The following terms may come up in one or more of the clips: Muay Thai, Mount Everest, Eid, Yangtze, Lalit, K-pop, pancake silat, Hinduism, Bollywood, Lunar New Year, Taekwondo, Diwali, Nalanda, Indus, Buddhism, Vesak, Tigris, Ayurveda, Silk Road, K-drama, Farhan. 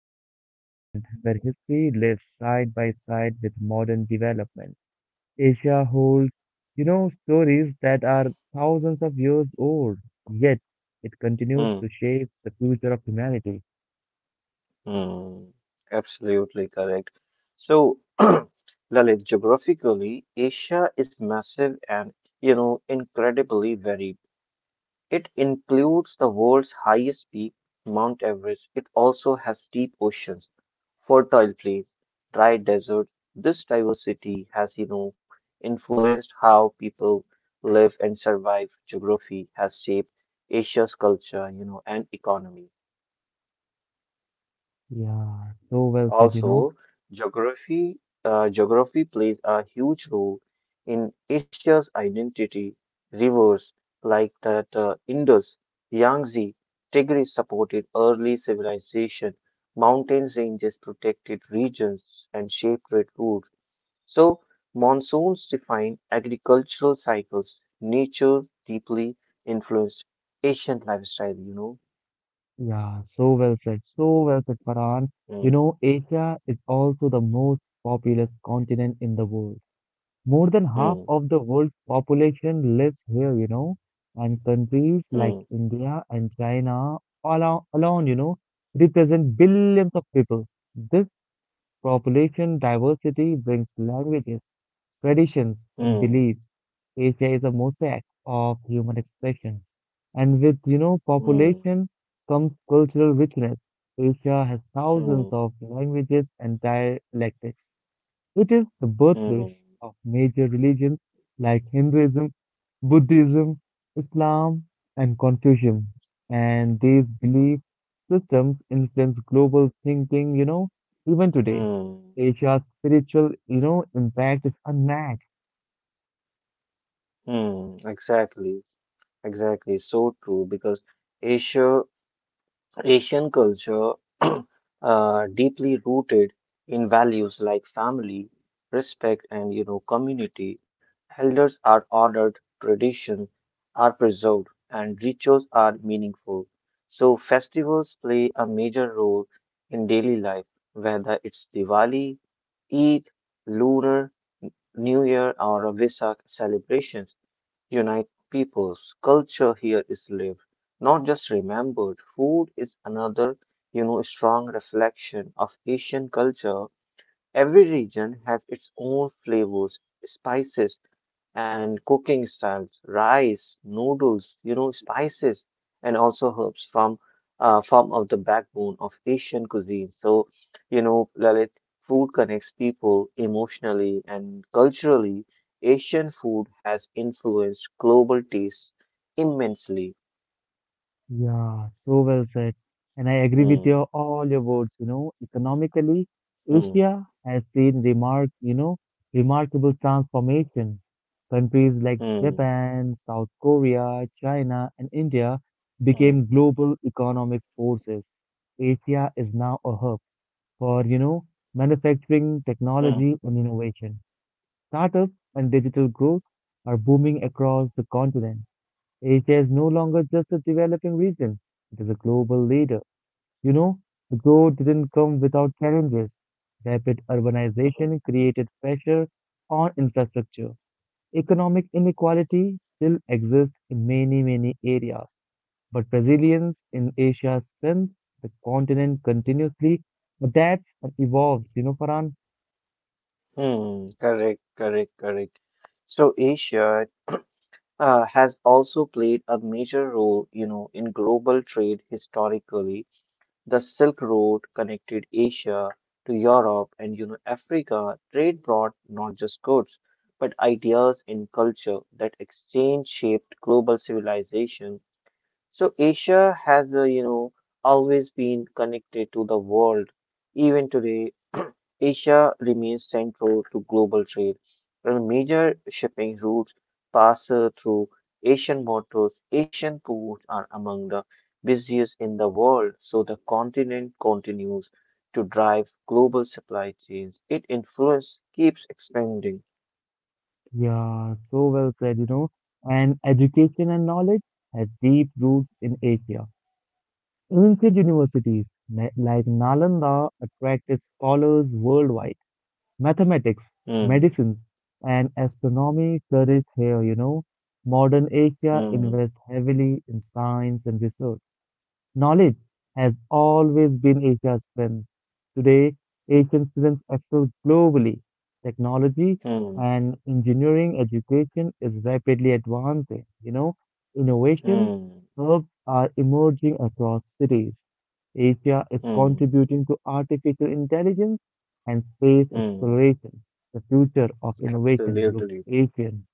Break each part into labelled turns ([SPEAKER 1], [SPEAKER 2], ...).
[SPEAKER 1] It is a continent where history lives side by side with modern development. Asia holds, stories that are thousands of years old, yet it continues
[SPEAKER 2] Hmm.
[SPEAKER 1] to shape the future of humanity.
[SPEAKER 2] Hmm. Absolutely correct. So, Lalit, geographically, Asia is massive and incredibly varied. It includes the world's highest peak, Mount Everest. It also has deep oceans fertile plains, dry deserts. This diversity has influenced how people live and survive. Geography has shaped Asia's culture and economy.
[SPEAKER 1] Yeah, so well said, you know.
[SPEAKER 2] Also, geography geography plays a huge role in Asia's identity. Rivers like the Indus, Yangtze, Tigris supported early civilization. Mountains ranges protected regions and shaped trade routes. So, monsoons define agricultural cycles. Nature deeply influenced Asian lifestyle.
[SPEAKER 1] Yeah, so well said, Farhan. You
[SPEAKER 2] Mm,
[SPEAKER 1] know, Asia is also the most populous continent in the world. More than half
[SPEAKER 2] mm,
[SPEAKER 1] of the world's population lives here, and countries like
[SPEAKER 2] mm,
[SPEAKER 1] India and China alone, represent billions of people. This population diversity brings languages, traditions, and
[SPEAKER 2] mm,
[SPEAKER 1] beliefs. Asia is a mosaic of human expression. And with,
[SPEAKER 2] mm,
[SPEAKER 1] population comes cultural richness. Asia has thousands
[SPEAKER 2] mm,
[SPEAKER 1] of languages and dialects. It is the
[SPEAKER 2] mm,
[SPEAKER 1] birthplace of major religions like Hinduism, Buddhism, Islam, and Confucianism. And these belief systems influence global thinking, even today.
[SPEAKER 2] mm,
[SPEAKER 1] Asia's spiritual, impact is unmatched.
[SPEAKER 2] mm. Exactly, exactly. So true because Asia Asian culture deeply rooted in values like family, respect, and community. Elders are honored, traditions are preserved, and rituals are meaningful. So festivals play a major role in daily life, whether it's Diwali, Eid, Lunar New Year, or Vesak celebrations unite peoples. Culture here is lived, not just remembered. Food is another strong reflection of Asian culture. Every region has its own flavors, spices, and cooking styles, rice, noodles spices, and also herbs from form of the backbone of Asian cuisine. So Lalit, food connects people emotionally and culturally. Asian food has influenced global tastes immensely.
[SPEAKER 1] Yeah, so well said. And I agree with
[SPEAKER 2] Hmm,
[SPEAKER 1] your all your words, economically,
[SPEAKER 2] hmm,
[SPEAKER 1] Asia has seen remarkable transformation. Countries like
[SPEAKER 2] hmm,
[SPEAKER 1] Japan, South Korea, China, and India
[SPEAKER 2] hmm,
[SPEAKER 1] became global economic forces. Asia is now a hub for, manufacturing,
[SPEAKER 2] hmm,
[SPEAKER 1] technology, and innovation. Startups and digital growth are booming across the continent. Asia is no longer just a developing region, it is a global leader. You know, the growth didn't come without challenges. Rapid
[SPEAKER 2] hmm,
[SPEAKER 1] urbanization created pressure on infrastructure. Economic inequality still exists in many, many areas. But resilience in Asia's strength, the continent continuously adapts and evolves, you know, Farhan?
[SPEAKER 2] hmm. Correct, correct, correct. So, Asia has also played a major role in global trade historically. The Silk Road connected Asia to Europe and Africa. Trade brought not just goods, but ideas and culture that exchange shaped global civilization. So Asia has, always been connected to the world. Even today, Asia remains central to global trade, and major shipping routes pass through Asian waters. Asian ports are among the busiest in the world, so the continent continues to drive global supply chains. Its influence keeps expanding.
[SPEAKER 1] Yeah, so well said, you know. And education and knowledge has deep roots in Asia. Ancient universities like Nalanda attracted scholars worldwide. Mathematics,
[SPEAKER 2] Hmm,
[SPEAKER 1] medicines, and astronomy flourished here, you know. Modern Asia
[SPEAKER 2] hmm,
[SPEAKER 1] invests heavily in science and research. Knowledge has always been Asia's strength. Today, Asian students excel globally. Technology
[SPEAKER 2] hmm,
[SPEAKER 1] and engineering education is rapidly advancing. You know, innovations
[SPEAKER 2] hmm,
[SPEAKER 1] hubs are emerging across cities. Asia is
[SPEAKER 2] hmm,
[SPEAKER 1] contributing to artificial intelligence and space
[SPEAKER 2] hmm.
[SPEAKER 1] exploration. The future of innovation looks
[SPEAKER 2] Absolutely.
[SPEAKER 1] Asian.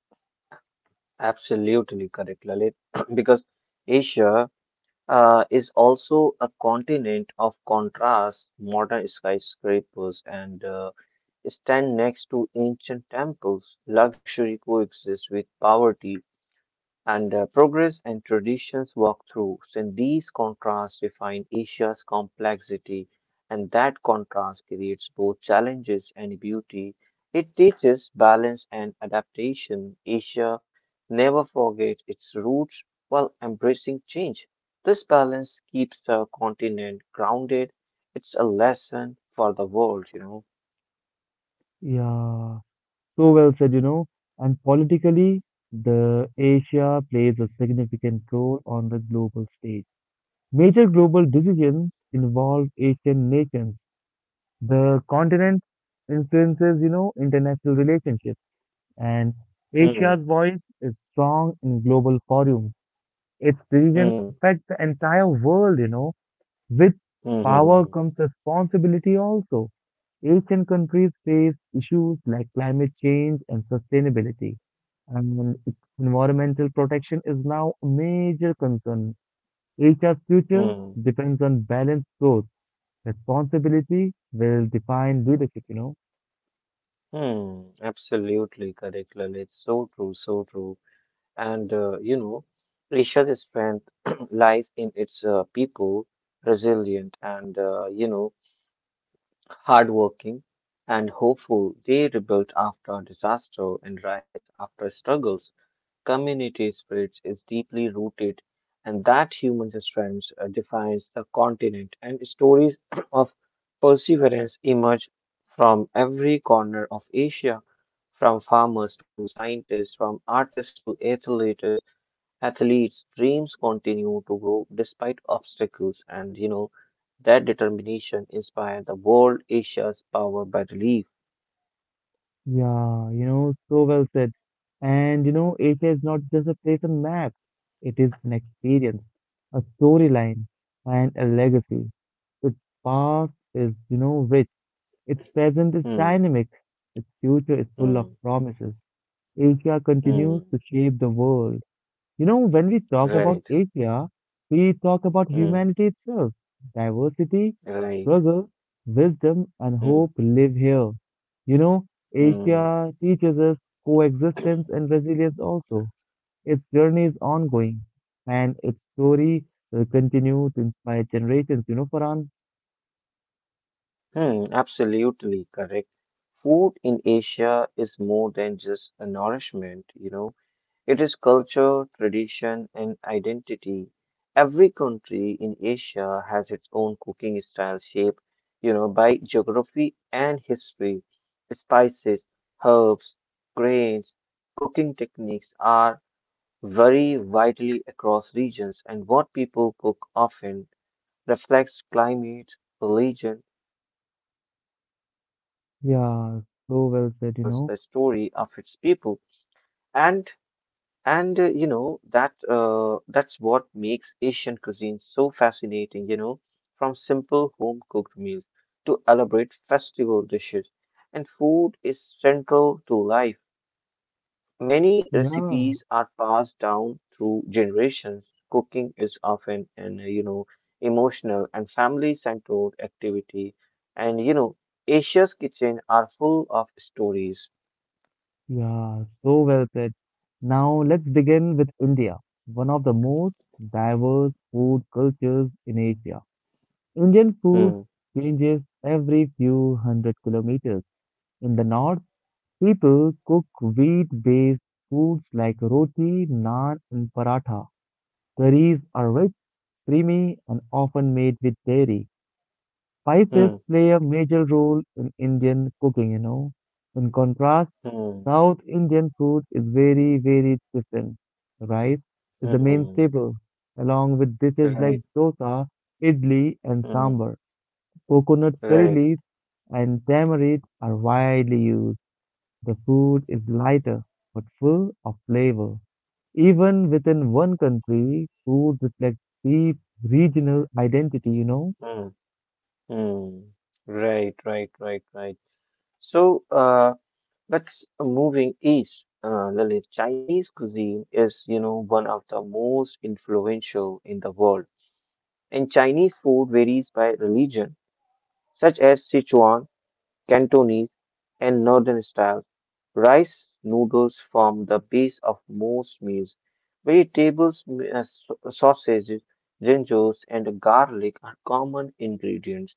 [SPEAKER 2] Absolutely correct, Lalit, because Asia is also a continent of contrast. Modern skyscrapers and stand next to ancient temples. Luxury coexists with poverty, and progress and traditions walk through. So in these contrasts define Asia's complexity, and that contrast creates both challenges and beauty. It teaches balance and adaptation. Asia never forget its roots while embracing change. This balance keeps the continent grounded. It's a lesson for the world.
[SPEAKER 1] Yeah, so well said, you know. And politically, the Asia plays a significant role on the global stage. Major global decisions involve Asian nations. The continent influences, international relationships, and
[SPEAKER 2] Hmm.
[SPEAKER 1] Asia's voice is strong in global forums. Its decision
[SPEAKER 2] Hmm.
[SPEAKER 1] affects the entire world, you know. With
[SPEAKER 2] Hmm. Hmm.
[SPEAKER 1] power comes responsibility also. Asian countries face issues like climate change and sustainability, and its environmental protection is now a major concern. Asia's
[SPEAKER 2] Hmm.
[SPEAKER 1] future
[SPEAKER 2] Hmm.
[SPEAKER 1] depends on balanced growth. Responsibility will define leadership, you know.
[SPEAKER 2] Hmm, absolutely correct, Lalit. So true, so true. And Asia's strength lies in its people, resilient and hardworking and hopeful. They rebuilt after disaster and rise after struggles community spirit is deeply rooted, and that human strength defines the continent. And stories of perseverance emerge from every corner of Asia, from farmers to scientists, from artists to athletes. Athletes' dreams continue to grow despite obstacles, and you know that determination inspires the world. Asia's power by relief.
[SPEAKER 1] Yeah, you know, so well said. And, you know, Asia is not just a place on map, it is an experience, a storyline, and a legacy. Its past is, rich. Its present is
[SPEAKER 2] Hmm.
[SPEAKER 1] dynamic, its future is full of
[SPEAKER 2] Hmm.
[SPEAKER 1] promises. Asia continues
[SPEAKER 2] Hmm.
[SPEAKER 1] to shape the world. You know, when we talk about
[SPEAKER 2] Right.
[SPEAKER 1] Asia, we talk about
[SPEAKER 2] Hmm.
[SPEAKER 1] humanity itself. Diversity,
[SPEAKER 2] Right.
[SPEAKER 1] struggle, wisdom, and
[SPEAKER 2] Hmm.
[SPEAKER 1] hope live here. You know,
[SPEAKER 2] Hmm.
[SPEAKER 1] Asia teaches us coexistence and resilience also. Its journey is ongoing, and its story will continue to inspire generations. You know, Farhan?
[SPEAKER 2] Hmm, absolutely correct. Food in Asia is more than just a nourishment. It is culture, tradition, and identity. Every country in Asia has its own cooking style shaped by geography and history. Spices, herbs, grains, cooking techniques are very widely across regions, and what people cook often reflects climate, religion, and local produce. And Asian foods
[SPEAKER 1] Yeah,
[SPEAKER 2] tells the
[SPEAKER 1] so well
[SPEAKER 2] story
[SPEAKER 1] said,
[SPEAKER 2] of
[SPEAKER 1] you
[SPEAKER 2] its
[SPEAKER 1] know.
[SPEAKER 2] people. And and you know that that's what makes Asian cuisine so fascinating. From simple home cooked meals to elaborate festival dishes, and food is central to life. Many
[SPEAKER 1] Yeah.
[SPEAKER 2] recipes are passed down through generations. Cooking is often an, emotional and family-centered activity. And Asia's kitchen are full of stories.
[SPEAKER 1] Yeah, so well said. Now let's begin with India, one of the most diverse food cultures in Asia. Indian food
[SPEAKER 2] Hmm,
[SPEAKER 1] changes every few hundred kilometers. In the north, people cook wheat-based foods like roti, naan, and paratha. Curries are rich, creamy, and often made with dairy. Spices
[SPEAKER 2] hmm,
[SPEAKER 1] play a major role in Indian cooking, you know. In contrast,
[SPEAKER 2] hmm,
[SPEAKER 1] South Indian food is very, very different. Rice is the main
[SPEAKER 2] hmm,
[SPEAKER 1] staple, along with dishes like
[SPEAKER 2] right,
[SPEAKER 1] dosa, idli, and
[SPEAKER 2] hmm,
[SPEAKER 1] sambar. Coconut curry
[SPEAKER 2] right,
[SPEAKER 1] leaves and tamarind are widely used. The food is lighter but full of flavor. Even within one country, food reflects deep regional identity, you know?
[SPEAKER 2] hmm, hmm, right, right, right, right. So, let's moving east. Lalit, Chinese cuisine is one of the most influential in the world. And Chinese food varies by religion, such as Sichuan, Cantonese, and Northern styles. Rice noodles form the base of most meals. Vegetables, sausages, gingers, and garlic are common ingredients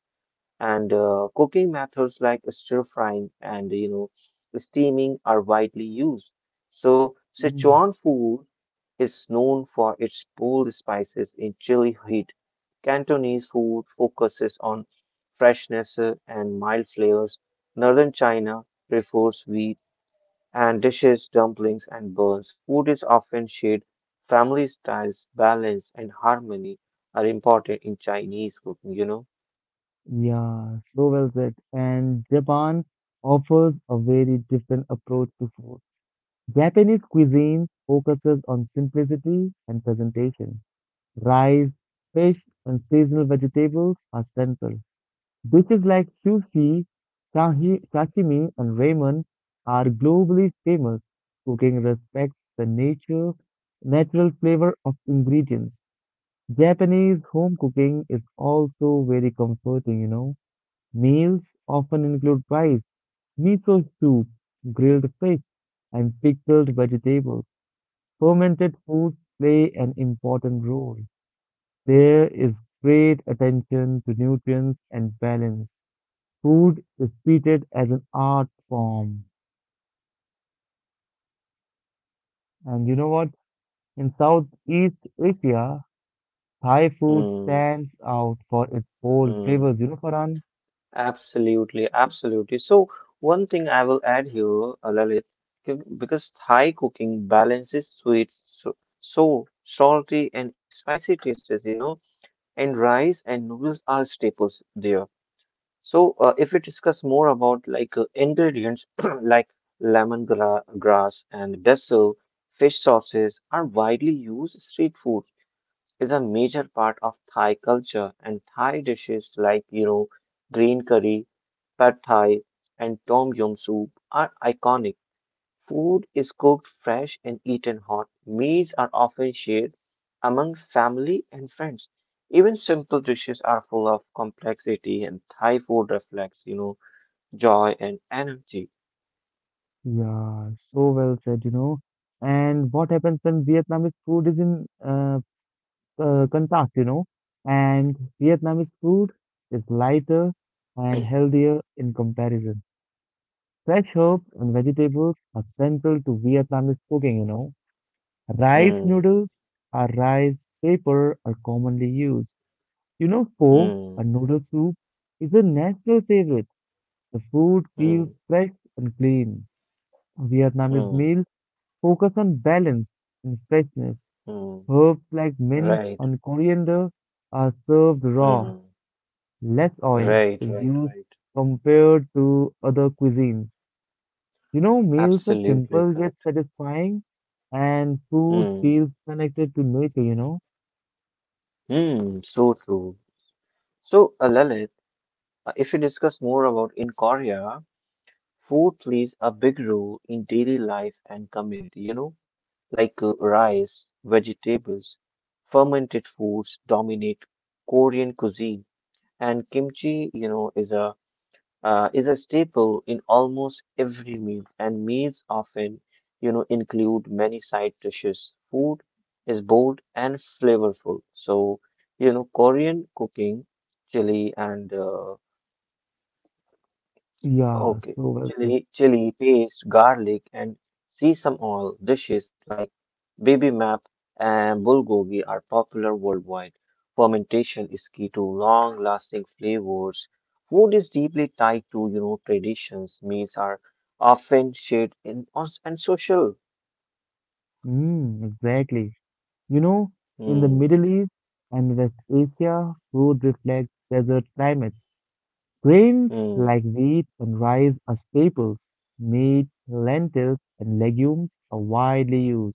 [SPEAKER 2] and cooking methods like stir frying and steaming are widely used. So
[SPEAKER 1] Mm.
[SPEAKER 2] Sichuan food is known for its bold spices in chili heat. Cantonese food focuses on freshness and mild flavors. Northern China prefers wheat and dishes, dumplings, and buns. Food is often shared. Family styles, balance, and harmony are important in Chinese cooking.
[SPEAKER 1] Yeah, so well said. And Japan offers a very different approach to food. Japanese cuisine focuses on simplicity and presentation. Rice, fish, and seasonal vegetables are central. Dishes like sushi, sashimi, and ramen are globally famous. Cooking respects the nature, natural flavor of ingredients. Japanese home cooking is also very comforting, you know. Meals often include rice, miso soup, grilled fish, and pickled vegetables. Fermented foods play an important role. There is great attention to nutrients and balance. Food is treated as an art form. And you know what? In Southeast Asia, Thai food
[SPEAKER 2] Hmm.
[SPEAKER 1] stands out for its bold
[SPEAKER 2] Hmm.
[SPEAKER 1] flavors. You know, Farhan?
[SPEAKER 2] Absolutely, absolutely. So, one thing I will add here, Lalit, because Thai cooking balances sweet, so salty and spicy tastes and rice and noodles are staples there. So, if we discuss more about like ingredients like lemongrass, grass and basil, fish sauces are widely used street food is a major part of Thai culture, and Thai dishes like green curry, pad thai, and tom yum soup are iconic. Food is cooked fresh and eaten hot. Meals are often shared among family and friends. Even simple dishes are full of complexity, and Thai food reflects joy and energy.
[SPEAKER 1] Yeah, so well said, you know. And what happens when Vietnamese food is in contrast, you know? And Vietnamese food is lighter and healthier in comparison. Fresh herbs and vegetables are central to Vietnamese cooking, you know. Rice
[SPEAKER 2] Hmm,
[SPEAKER 1] noodles or rice paper are commonly used. You know, pho, a
[SPEAKER 2] hmm,
[SPEAKER 1] noodle soup, is a national favorite. The food feels
[SPEAKER 2] hmm,
[SPEAKER 1] fresh and clean. Vietnamese
[SPEAKER 2] hmm,
[SPEAKER 1] meals focus on balance and freshness.
[SPEAKER 2] hmm.
[SPEAKER 1] Herbs like mint
[SPEAKER 2] Right.
[SPEAKER 1] and coriander are served raw,
[SPEAKER 2] Hmm.
[SPEAKER 1] less oil
[SPEAKER 2] Right,
[SPEAKER 1] is
[SPEAKER 2] right,
[SPEAKER 1] used
[SPEAKER 2] right.
[SPEAKER 1] compared to other cuisines. You know, meals are
[SPEAKER 2] Absolutely
[SPEAKER 1] simple yet
[SPEAKER 2] correct.
[SPEAKER 1] satisfying, and food
[SPEAKER 2] Hmm.
[SPEAKER 1] feels connected to nature, you know?
[SPEAKER 2] Hmm. So true. So, Lalit, if you discuss more about in Korea, food plays a big role in daily life and community like rice, vegetables, fermented foods dominate Korean cuisine, and kimchi is a staple in almost every meal, and meals often include many side dishes. Food is bold and flavorful. So Korean cooking, chili and
[SPEAKER 1] Yeah,
[SPEAKER 2] Okay,
[SPEAKER 1] so well said.
[SPEAKER 2] chili, paste, garlic, and sesame oil dishes like bibimbap and bulgogi are popular worldwide. Fermentation is key to long-lasting flavors. Food is deeply tied to traditions. Meals are often shared in on- and social.
[SPEAKER 1] Mm, exactly. You know, in the
[SPEAKER 2] Hmm,
[SPEAKER 1] Middle East and West Asia, food reflects desert climates. Grains
[SPEAKER 2] hmm,
[SPEAKER 1] like wheat and rice are staples. Meat, lentils, and legumes are widely used.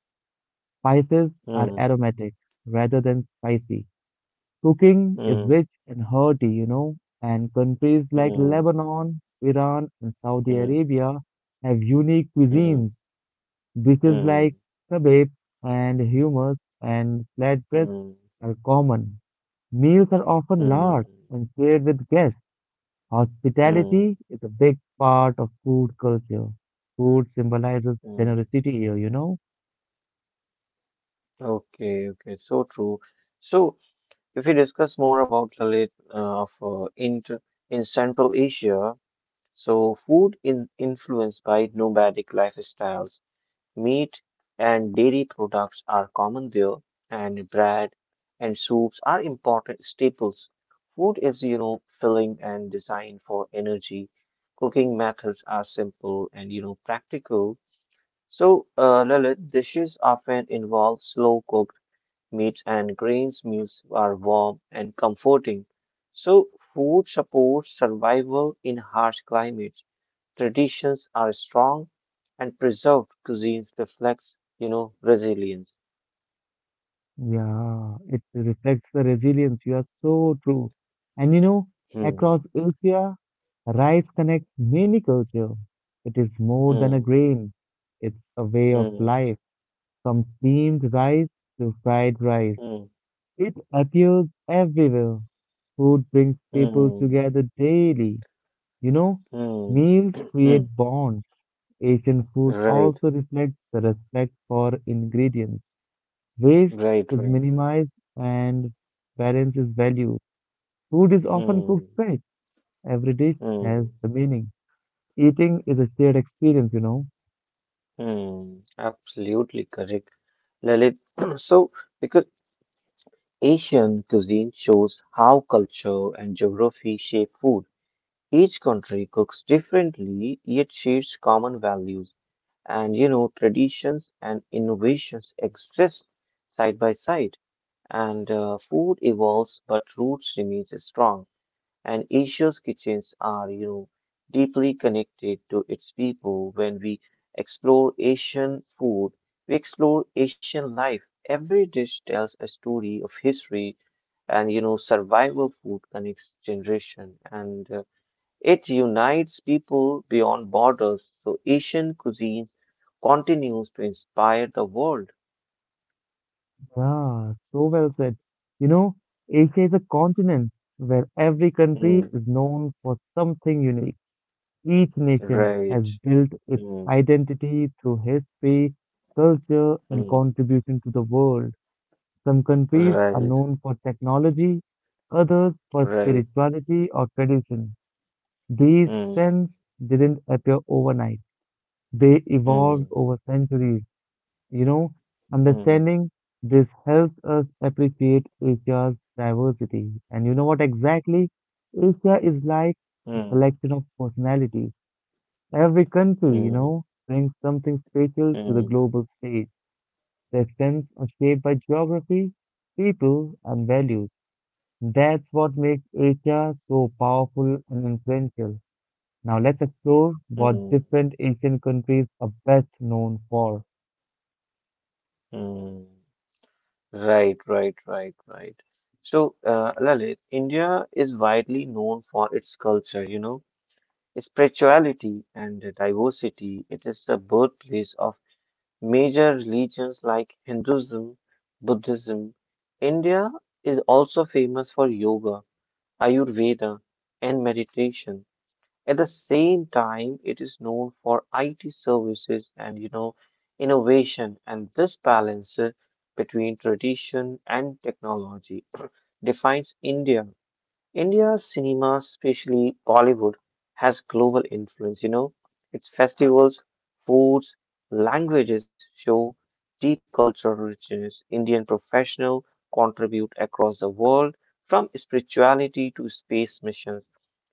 [SPEAKER 1] Spices are
[SPEAKER 2] hmm,
[SPEAKER 1] aromatic rather than spicy. Cooking is
[SPEAKER 2] hmm,
[SPEAKER 1] rich and hearty, you know, and countries like
[SPEAKER 2] hmm,
[SPEAKER 1] Lebanon, Iran, and Saudi
[SPEAKER 2] hmm,
[SPEAKER 1] Arabia have unique
[SPEAKER 2] hmm,
[SPEAKER 1] cuisines. Dishes like
[SPEAKER 2] hmm,
[SPEAKER 1] kebabs and hummus and flatbreads
[SPEAKER 2] hmm,
[SPEAKER 1] are common. Meals are often large
[SPEAKER 2] hmm,
[SPEAKER 1] and shared with guests.
[SPEAKER 2] hmm,
[SPEAKER 1] Hospitality
[SPEAKER 2] hmm.
[SPEAKER 1] is a big part of food culture. Food symbolizes
[SPEAKER 2] Hmm.
[SPEAKER 1] generosity here, you know.
[SPEAKER 2] Okay, okay, so true. So, if we discuss more about Lalit of in Central Asia, so food in influenced by nomadic lifestyles, meat and dairy products are common there, and bread and soups are important staples. Food is filling and designed for energy. Cooking methods are simple and practical. So, Lalit, dishes often involve slow cook meats and grains meals are warm and comforting. So, food supports survival in harsh climates. Traditions are strong and preserved cuisines reflects resilience.
[SPEAKER 1] Yeah, it reflects the resilience. You are so true. And you know,
[SPEAKER 2] Hmm,
[SPEAKER 1] across Asia, rice connects many cultures. It is more than a
[SPEAKER 2] hmm,
[SPEAKER 1] grain, it's a way of
[SPEAKER 2] hmm,
[SPEAKER 1] life. From steamed rice to fried rice,
[SPEAKER 2] hmm,
[SPEAKER 1] it appears everywhere. Food brings people
[SPEAKER 2] hmm,
[SPEAKER 1] together daily. You know,
[SPEAKER 2] hmm,
[SPEAKER 1] meals create
[SPEAKER 2] hmm.
[SPEAKER 1] bonds. Asian food
[SPEAKER 2] Right,
[SPEAKER 1] also reflects the respect for ingredients. Waste
[SPEAKER 2] right,
[SPEAKER 1] is
[SPEAKER 2] right, right.
[SPEAKER 1] minimized and balance is valued. Food is often
[SPEAKER 2] Hmm,
[SPEAKER 1] cooked fresh. Every dish has
[SPEAKER 2] hmm,
[SPEAKER 1] the meaning. Eating is a shared experience, you know.
[SPEAKER 2] hmm. Absolutely correct. Lalit, so because Asian cuisine shows how culture and geography shape food. Each country cooks differently, yet shares common values and traditions and innovations exist side by side. And food evolves, but roots remains strong. And Asia's kitchens are deeply connected to its people. When we explore Asian food, we explore Asian life. Every dish tells a story of history, and survival food connects generation, and it unites people beyond borders. So Asian cuisine continues to inspire the world.
[SPEAKER 1] Yeah, so well said. You know, Asia is a continent where every country
[SPEAKER 2] Mm,
[SPEAKER 1] is known for something unique. Each nation
[SPEAKER 2] right.
[SPEAKER 1] has built its
[SPEAKER 2] Mm,
[SPEAKER 1] identity through history, culture, and
[SPEAKER 2] mm,
[SPEAKER 1] contribution to the world. Some countries are
[SPEAKER 2] right.
[SPEAKER 1] known for technology, others for
[SPEAKER 2] Right.
[SPEAKER 1] spirituality or tradition. These
[SPEAKER 2] Mm,
[SPEAKER 1] trends didn't appear overnight. They evolved
[SPEAKER 2] mm,
[SPEAKER 1] over centuries, you know.
[SPEAKER 2] mm.
[SPEAKER 1] Understanding this helps us appreciate Asia's diversity. And you know what exactly? Asia is like a
[SPEAKER 2] Mm,
[SPEAKER 1] collection of personalities. Every country,
[SPEAKER 2] mm,
[SPEAKER 1] brings something special to the
[SPEAKER 2] mm,
[SPEAKER 1] global stage. Their strengths are shaped by geography, people, and values. That's what makes Asia so powerful and influential. Now let's explore what
[SPEAKER 2] mm,
[SPEAKER 1] different Asian countries are best known for.
[SPEAKER 2] mm. Right, right, right, right. So, Lalit, India is widely known for its culture spirituality and diversity. It is the birthplace of major religions like Hinduism, Buddhism. India is also famous for yoga, Ayurveda, and meditation. At the same time, it is known for IT services and innovation, and this balance between tradition and technology defines India's cinema, especially Bollywood, has global influence. Its festivals, foods, languages show deep cultural richness. Indian professionals contribute across the world from spirituality to space missions.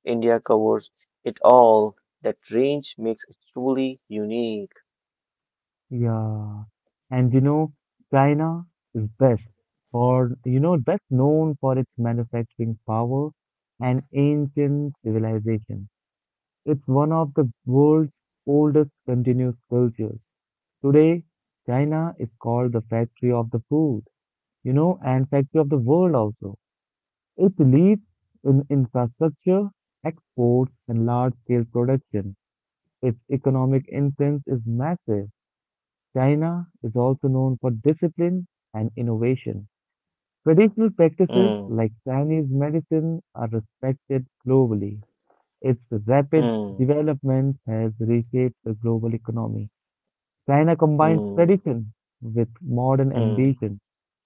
[SPEAKER 2] India covers it all. That range makes it truly unique.
[SPEAKER 1] Yeah. And you know, China is best for, best known for its manufacturing power and ancient civilization. It's one of the world's oldest continuous cultures. Today, China is called the factory of the food, you know, and factory of the world also. It leads in infrastructure, exports, and large-scale production. Its economic influence is massive. China is also known for discipline and innovation. Traditional practices
[SPEAKER 2] Hmm,
[SPEAKER 1] like Chinese medicine are respected globally. Its rapid
[SPEAKER 2] hmm,
[SPEAKER 1] development has reshaped the global economy. China combines
[SPEAKER 2] hmm,
[SPEAKER 1] tradition with modern
[SPEAKER 2] hmm,
[SPEAKER 1] ambition.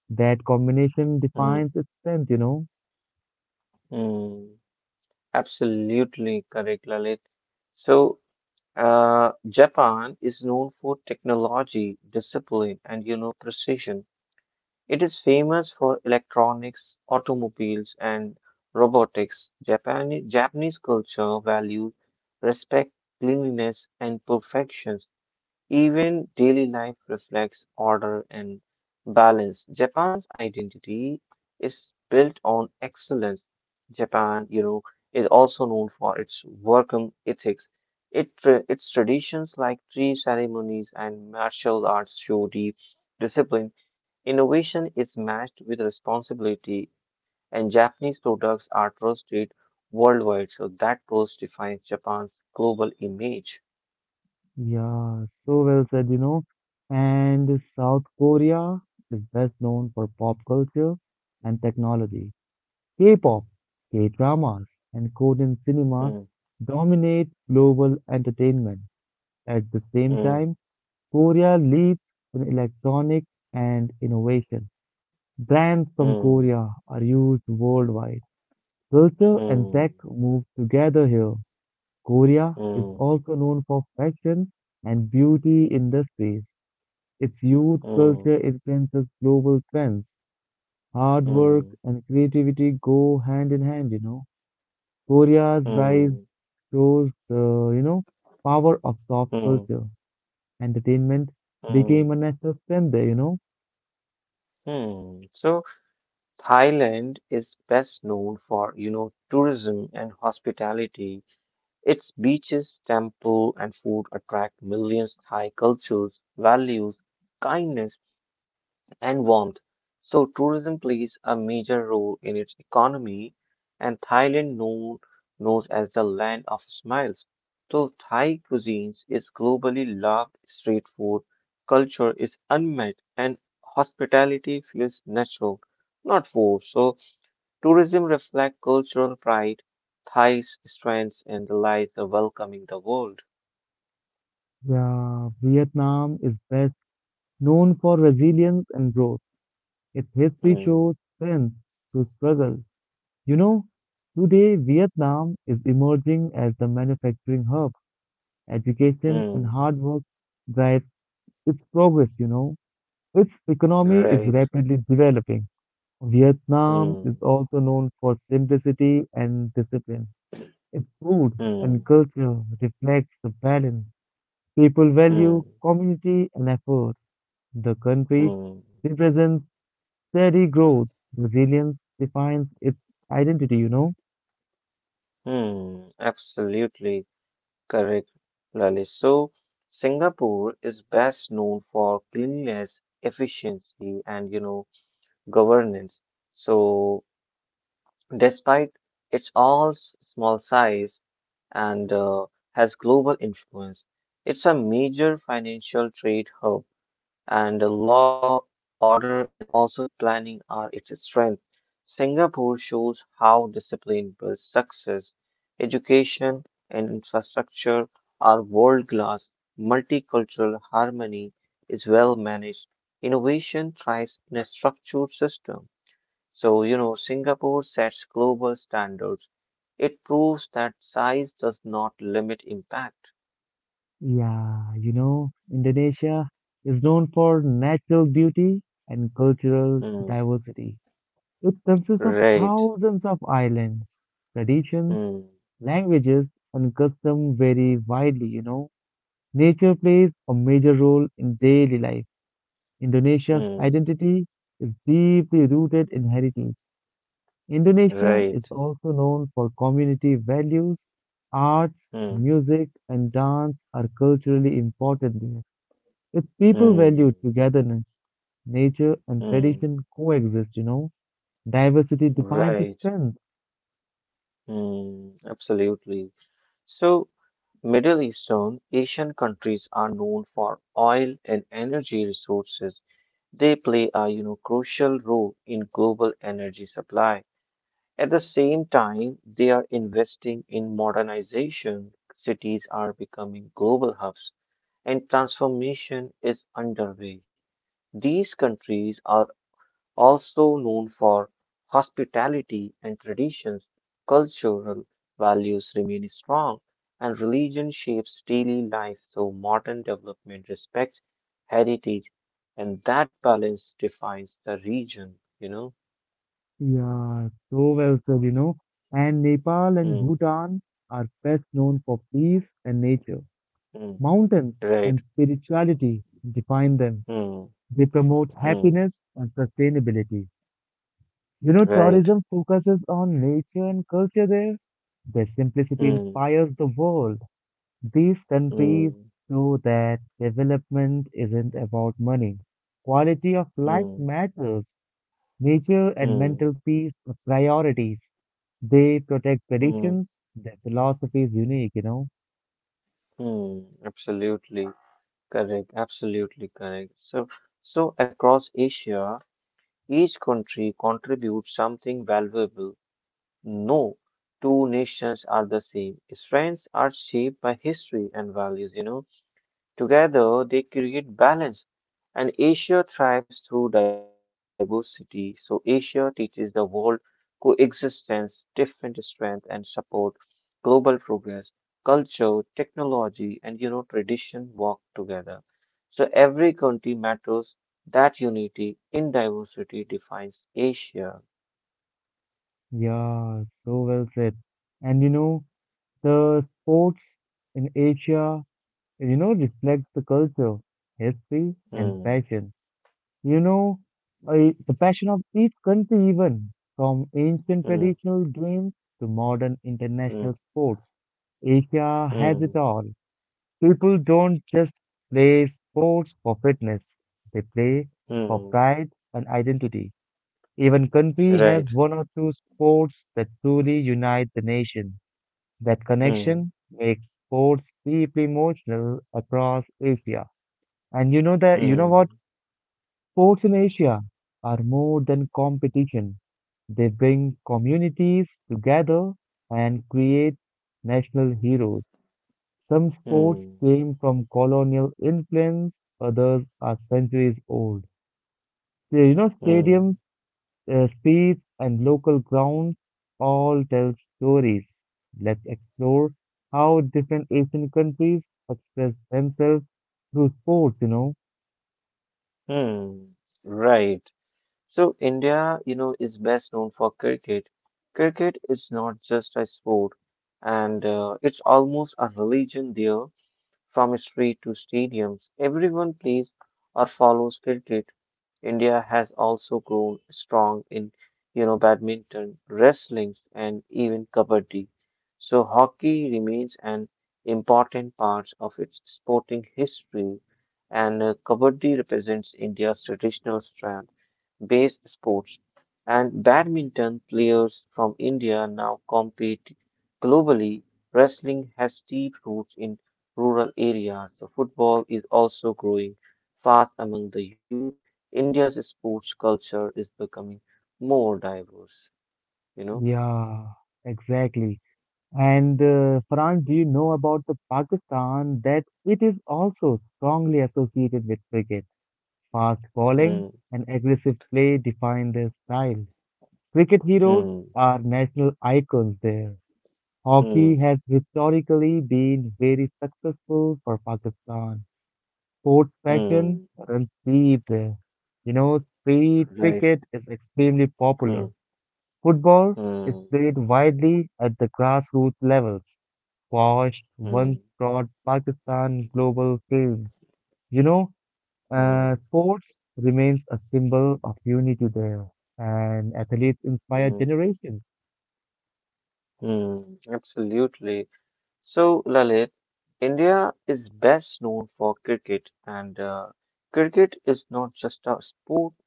[SPEAKER 1] That combination
[SPEAKER 2] hmm,
[SPEAKER 1] defines its strength, you know.
[SPEAKER 2] hmm. Absolutely correct, Lalit. So, Japan is known for technology, discipline, and precision. It is famous for electronics, automobiles, and robotics. Japanese culture values respect, cleanliness, and perfection. Even daily life reflects order and balance. Japan's identity is built on excellence. Japan is also known for its work and ethics. Its traditions like tea ceremonies and martial arts show deep discipline. Innovation is matched with responsibility, and Japanese products are trusted worldwide. So that trust defines Japan's global image.
[SPEAKER 1] Yeah, so well said, you know. And South Korea is best known for pop culture and technology. K-pop, K-dramas, and Korean cinema
[SPEAKER 2] Hmm,
[SPEAKER 1] dominate global entertainment. At the same
[SPEAKER 2] hmm,
[SPEAKER 1] time, Korea leads in electronics and innovation. Brands from
[SPEAKER 2] hmm.
[SPEAKER 1] Korea are used worldwide. Culture and tech
[SPEAKER 2] Mm,
[SPEAKER 1] move together here. Korea is
[SPEAKER 2] mm,
[SPEAKER 1] also known for fashion and beauty industries. Its youth
[SPEAKER 2] mm,
[SPEAKER 1] culture influences global trends. Hard work
[SPEAKER 2] mm,
[SPEAKER 1] and creativity go hand in hand, you know. Korea's
[SPEAKER 2] mm,
[SPEAKER 1] rise
[SPEAKER 2] mm,
[SPEAKER 1] shows the, power of soft
[SPEAKER 2] mm, mm. Mm, mm,
[SPEAKER 1] culture. Entertainment became a
[SPEAKER 2] mm,
[SPEAKER 1] national strength there, you know.
[SPEAKER 2] mm. So Thailand is best known for tourism and hospitality. Its beaches, temple, and food attract millions Thai cultures, values, kindness, and warmth. So tourism plays a major role in its economy, and Thailand known as the land of smiles. So Thai cuisines is globally loved street food, culture is unmet, and hospitality feels natural, not forced. So tourism reflects cultural pride, Thai's strengths, and the lies of welcoming the world.
[SPEAKER 1] Yeah, Vietnam is best known for resilience and growth. Its history shows
[SPEAKER 2] Hmm.
[SPEAKER 1] strength through struggle. You know, today Vietnam is emerging as the manufacturing hub. Education and
[SPEAKER 2] Hmm.
[SPEAKER 1] hard work drive its progress, you know. Its economy is
[SPEAKER 2] Right.
[SPEAKER 1] rapidly developing. Vietnam is
[SPEAKER 2] Hmm.
[SPEAKER 1] also known for simplicity and discipline. If food and
[SPEAKER 2] Hmm.
[SPEAKER 1] culture reflects the balance, people value
[SPEAKER 2] Hmm.
[SPEAKER 1] community and effort. The country
[SPEAKER 2] Hmm.
[SPEAKER 1] represents steady growth. Resilience defines its identity.
[SPEAKER 2] Hmm, absolutely correct, Lalit. So, Singapore is best known for cleanliness, efficiency, and governance. So, despite its all small size and has global influence, it's a major financial trade hub and the law, order, and also planning are its strength. Singapore shows how discipline builds success. Education and infrastructure are world class. Multicultural harmony is well managed. Innovation thrives in a structured system. So, Singapore sets global standards. It proves that size does not limit impact.
[SPEAKER 1] Yeah, Indonesia is known for natural beauty and cultural
[SPEAKER 2] Hmm.
[SPEAKER 1] diversity. It consists of
[SPEAKER 2] Right.
[SPEAKER 1] thousands of islands. Traditions,
[SPEAKER 2] Hmm.
[SPEAKER 1] languages, and customs vary widely. Nature plays a major role in daily life. Indonesia's
[SPEAKER 2] Hmm.
[SPEAKER 1] identity is deeply rooted in heritage. Indonesia
[SPEAKER 2] Right.
[SPEAKER 1] is also known for community values, arts,
[SPEAKER 2] Mm,
[SPEAKER 1] music, and dance are culturally important there. Its people
[SPEAKER 2] mm,
[SPEAKER 1] value togetherness, nature, and
[SPEAKER 2] mm,
[SPEAKER 1] tradition coexist. Diversity defines its
[SPEAKER 2] right.
[SPEAKER 1] strength.
[SPEAKER 2] Mm, absolutely. So, Middle Eastern Asian countries are known for oil and energy resources. They play a, crucial role in global energy supply. At the same time, they are investing in modernization. Cities are becoming global hubs, and transformation is underway. These countries are also known for hospitality and traditions, cultural values remain strong, and religion shapes daily life. So, modern development respects heritage, and that balance defines the region, you know?
[SPEAKER 1] Yeah, so well said. And Nepal and
[SPEAKER 2] Hmm,
[SPEAKER 1] Bhutan are best known for peace and nature.
[SPEAKER 2] hmm,
[SPEAKER 1] Mountains and
[SPEAKER 2] right.
[SPEAKER 1] spirituality define them.
[SPEAKER 2] Hmm,
[SPEAKER 1] They promote
[SPEAKER 2] hmm,
[SPEAKER 1] happiness and sustainability.
[SPEAKER 2] right.
[SPEAKER 1] Tourism focuses on nature and culture there. Their simplicity
[SPEAKER 2] Hmm,
[SPEAKER 1] inspires the world. These countries
[SPEAKER 2] hmm,
[SPEAKER 1] show that development isn't about money. Quality of life
[SPEAKER 2] hmm,
[SPEAKER 1] matters. Nature and
[SPEAKER 2] hmm,
[SPEAKER 1] mental peace are priorities. They protect
[SPEAKER 2] hmm,
[SPEAKER 1] traditions. Their philosophy is unique.
[SPEAKER 2] hmm. Absolutely correct. Absolutely correct. So, across Asia, each country contributes something valuable. No two nations are the same. Strengths are shaped by history and values. Together, they create balance, and Asia thrives through diversity. So, Asia teaches the world coexistence, different strength, and support global progress. Culture, technology, and tradition work together. So, every country matters. That unity in diversity defines Asia.
[SPEAKER 1] Yeah, so well said. And the sports in Asia reflects the culture, history, and
[SPEAKER 2] Hmm.
[SPEAKER 1] passion. You know, the passion of each country, even from ancient
[SPEAKER 2] Hmm.
[SPEAKER 1] traditional games to modern international
[SPEAKER 2] Hmm.
[SPEAKER 1] sports. Asia has it
[SPEAKER 2] Hmm.
[SPEAKER 1] all. People don't just play sports for fitness, they play for
[SPEAKER 2] Hmm.
[SPEAKER 1] pride and identity. Even country has
[SPEAKER 2] Right.
[SPEAKER 1] one or two sports that truly unite the nation. That connection
[SPEAKER 2] Hmm.
[SPEAKER 1] makes sports deeply emotional across Asia. And you know what?
[SPEAKER 2] Hmm.
[SPEAKER 1] Sports in Asia are more than competition. They bring communities together and create national heroes. Some sports
[SPEAKER 2] Hmm.
[SPEAKER 1] came from colonial influence, others are centuries old. So,
[SPEAKER 2] Hmm. Hmm.
[SPEAKER 1] stadiums, streets, and local grounds all tell stories. Let's explore how different Asian countries express themselves through sports.
[SPEAKER 2] Hmm, right. So India, is best known for cricket. Cricket is not just a sport, and it's almost a religion there. From street to stadiums, everyone plays or follows cricket. India has also grown strong in badminton, wrestling, and even kabaddi. So hockey remains an important part of its sporting history, and kabaddi represents India's traditional strength based sports, and badminton players from India now compete globally. Wrestling has deep roots in rural areas. So football is also growing fast among the youth. India's sports culture is becoming more diverse, you know?
[SPEAKER 1] Yeah, exactly. And Farhan, do you know about the Pakistan that it is also strongly associated with cricket? Fast bowling
[SPEAKER 2] Hmm,
[SPEAKER 1] and aggressive play define their style. Cricket heroes
[SPEAKER 2] hmm,
[SPEAKER 1] are national icons there.
[SPEAKER 2] hmm,
[SPEAKER 1] Hockey has historically been very successful for Pakistan. Sports passion
[SPEAKER 2] hmm,
[SPEAKER 1] runs deep there. Street
[SPEAKER 2] right.
[SPEAKER 1] cricket is extremely
[SPEAKER 2] Hmm,
[SPEAKER 1] popular. Football is
[SPEAKER 2] hmm,
[SPEAKER 1] played widely at the grassroots levels watched
[SPEAKER 2] hmm,
[SPEAKER 1] once brought Pakistan global fame. You know,
[SPEAKER 2] hmm, hmm.
[SPEAKER 1] Sports remains a symbol of unity there, and athletes inspire
[SPEAKER 2] Hmm.
[SPEAKER 1] generations.
[SPEAKER 2] Mm, absolutely. So, Lalit, India is best known for cricket, and cricket is not just a sport,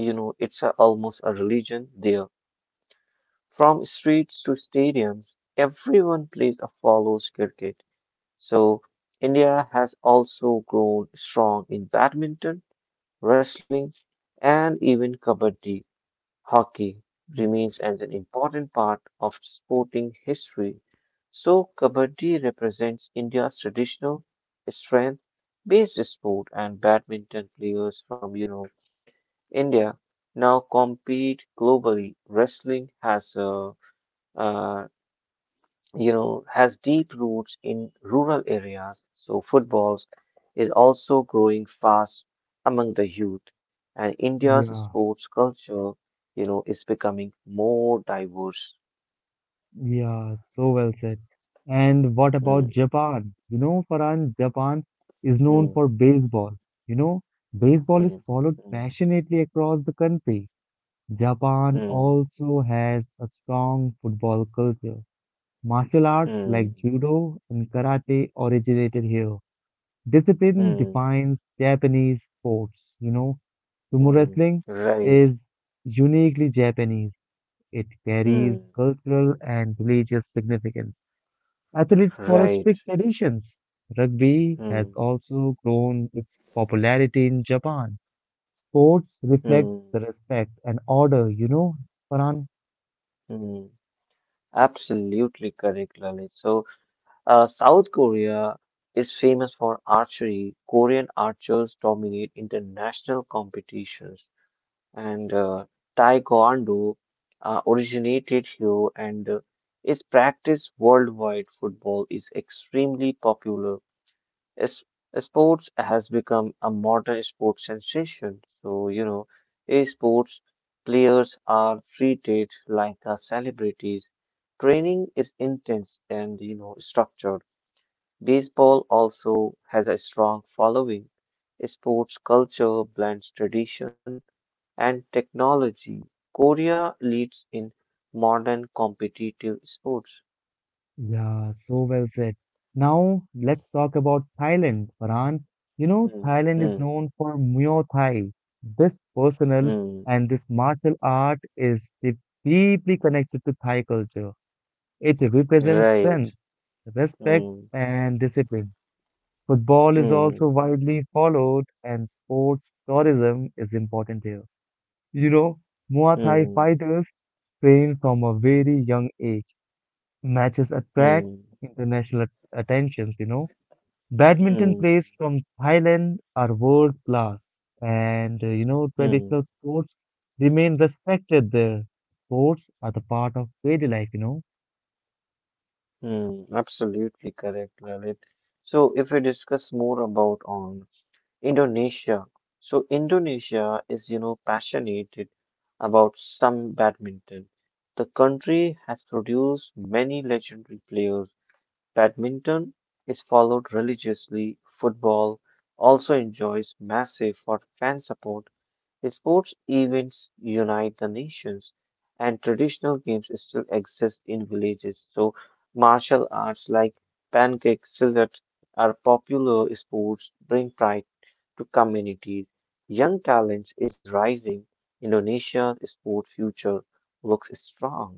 [SPEAKER 2] it's almost a religion there. From streets to stadiums, everyone plays or follows cricket. So, India has also grown strong in badminton, wrestling, and even kabaddi. Hockey remains as an important part of sporting history, so Kabaddi represents India's traditional strength-based sport, and badminton players from India now compete globally. Wrestling has uh, uh, you know, has deep roots in rural areas, so footballs is also growing fast among the youth, and India's
[SPEAKER 1] Yeah,
[SPEAKER 2] sports culture, is becoming more diverse.
[SPEAKER 1] yeah, so well said. And what about
[SPEAKER 2] Hmm,
[SPEAKER 1] Japan? Farhan, Japan is known
[SPEAKER 2] hmm,
[SPEAKER 1] for baseball. You know, Baseball is
[SPEAKER 2] hmm,
[SPEAKER 1] followed
[SPEAKER 2] hmm,
[SPEAKER 1] passionately across the country. Japan
[SPEAKER 2] hmm,
[SPEAKER 1] also has a strong football culture. Martial arts like
[SPEAKER 2] hmm,
[SPEAKER 1] judo and karate originated here. Discipline
[SPEAKER 2] hmm,
[SPEAKER 1] defines Japanese sports. Sumo
[SPEAKER 2] hmm,
[SPEAKER 1] wrestling
[SPEAKER 2] right,
[SPEAKER 1] is uniquely Japanese. It carries
[SPEAKER 2] hmm,
[SPEAKER 1] cultural and religious significance. Athletes follow
[SPEAKER 2] right,
[SPEAKER 1] strict traditions. Rugby has
[SPEAKER 2] hmm,
[SPEAKER 1] also grown its popularity in Japan. Sports reflect
[SPEAKER 2] hmm,
[SPEAKER 1] the respect and order, Farhan.
[SPEAKER 2] hmm. Absolutely correct, Lalit. So, South Korea is famous for archery. Korean archers dominate international competitions, and Taekwondo originated here and is practiced worldwide. Football is extremely popular. Es- sports has become a modern sports sensation. So, sports players are treated like celebrities. Training is intense and structured. Baseball also has a strong following. Sports culture blends tradition and technology. Korea leads in modern competitive sports.
[SPEAKER 1] Yeah, so well said. Now let's talk about Thailand, Farhan.
[SPEAKER 2] Hmm,
[SPEAKER 1] Thailand is
[SPEAKER 2] hmm,
[SPEAKER 1] known for Muay Thai. This personal
[SPEAKER 2] hmm.
[SPEAKER 1] and This martial art is deeply connected to Thai culture. It represents strength,
[SPEAKER 2] Right.
[SPEAKER 1] respect,
[SPEAKER 2] Hmm,
[SPEAKER 1] and discipline. Football is also
[SPEAKER 2] hmm,
[SPEAKER 1] widely followed, and sports tourism is important here. You know, Muay Thai
[SPEAKER 2] hmm,
[SPEAKER 1] fighters train from a very young age. Matches attract
[SPEAKER 2] hmm,
[SPEAKER 1] international attentions. Badminton players
[SPEAKER 2] hmm,
[SPEAKER 1] from Thailand are world class, and
[SPEAKER 2] hmm,
[SPEAKER 1] traditional sports remain respected there. Sports are the part of daily life.
[SPEAKER 2] hmm. Absolutely correct, Lalit. So, if we discuss more about on Indonesia. So Indonesia is passionate about some badminton. The country has produced many legendary players. Badminton is followed religiously. Football also enjoys massive for fan support. Sports events unite the nations, and traditional games still exist in villages. So, martial arts like pancake silat are popular sports bring pride to communities. Young talent is rising. Indonesia's sport future looks strong.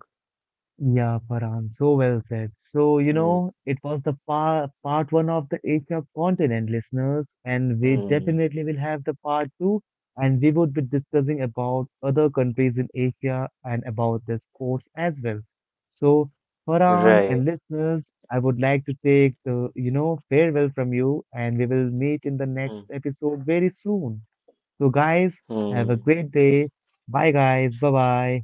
[SPEAKER 1] Yeah, Farhan, so well said. So,
[SPEAKER 2] Hmm,
[SPEAKER 1] it was the part one of the Asia continent, listeners, and we
[SPEAKER 2] hmm,
[SPEAKER 1] definitely will have the part two, and we would be discussing about other countries in Asia and about their sports as well. So, Farhan
[SPEAKER 2] right.
[SPEAKER 1] and listeners, I would like to take the farewell from you, and we will meet in the
[SPEAKER 2] Hmm,
[SPEAKER 1] next episode very soon. So, guys, have a
[SPEAKER 2] hmm.
[SPEAKER 1] great day. Bye, guys. Bye-bye.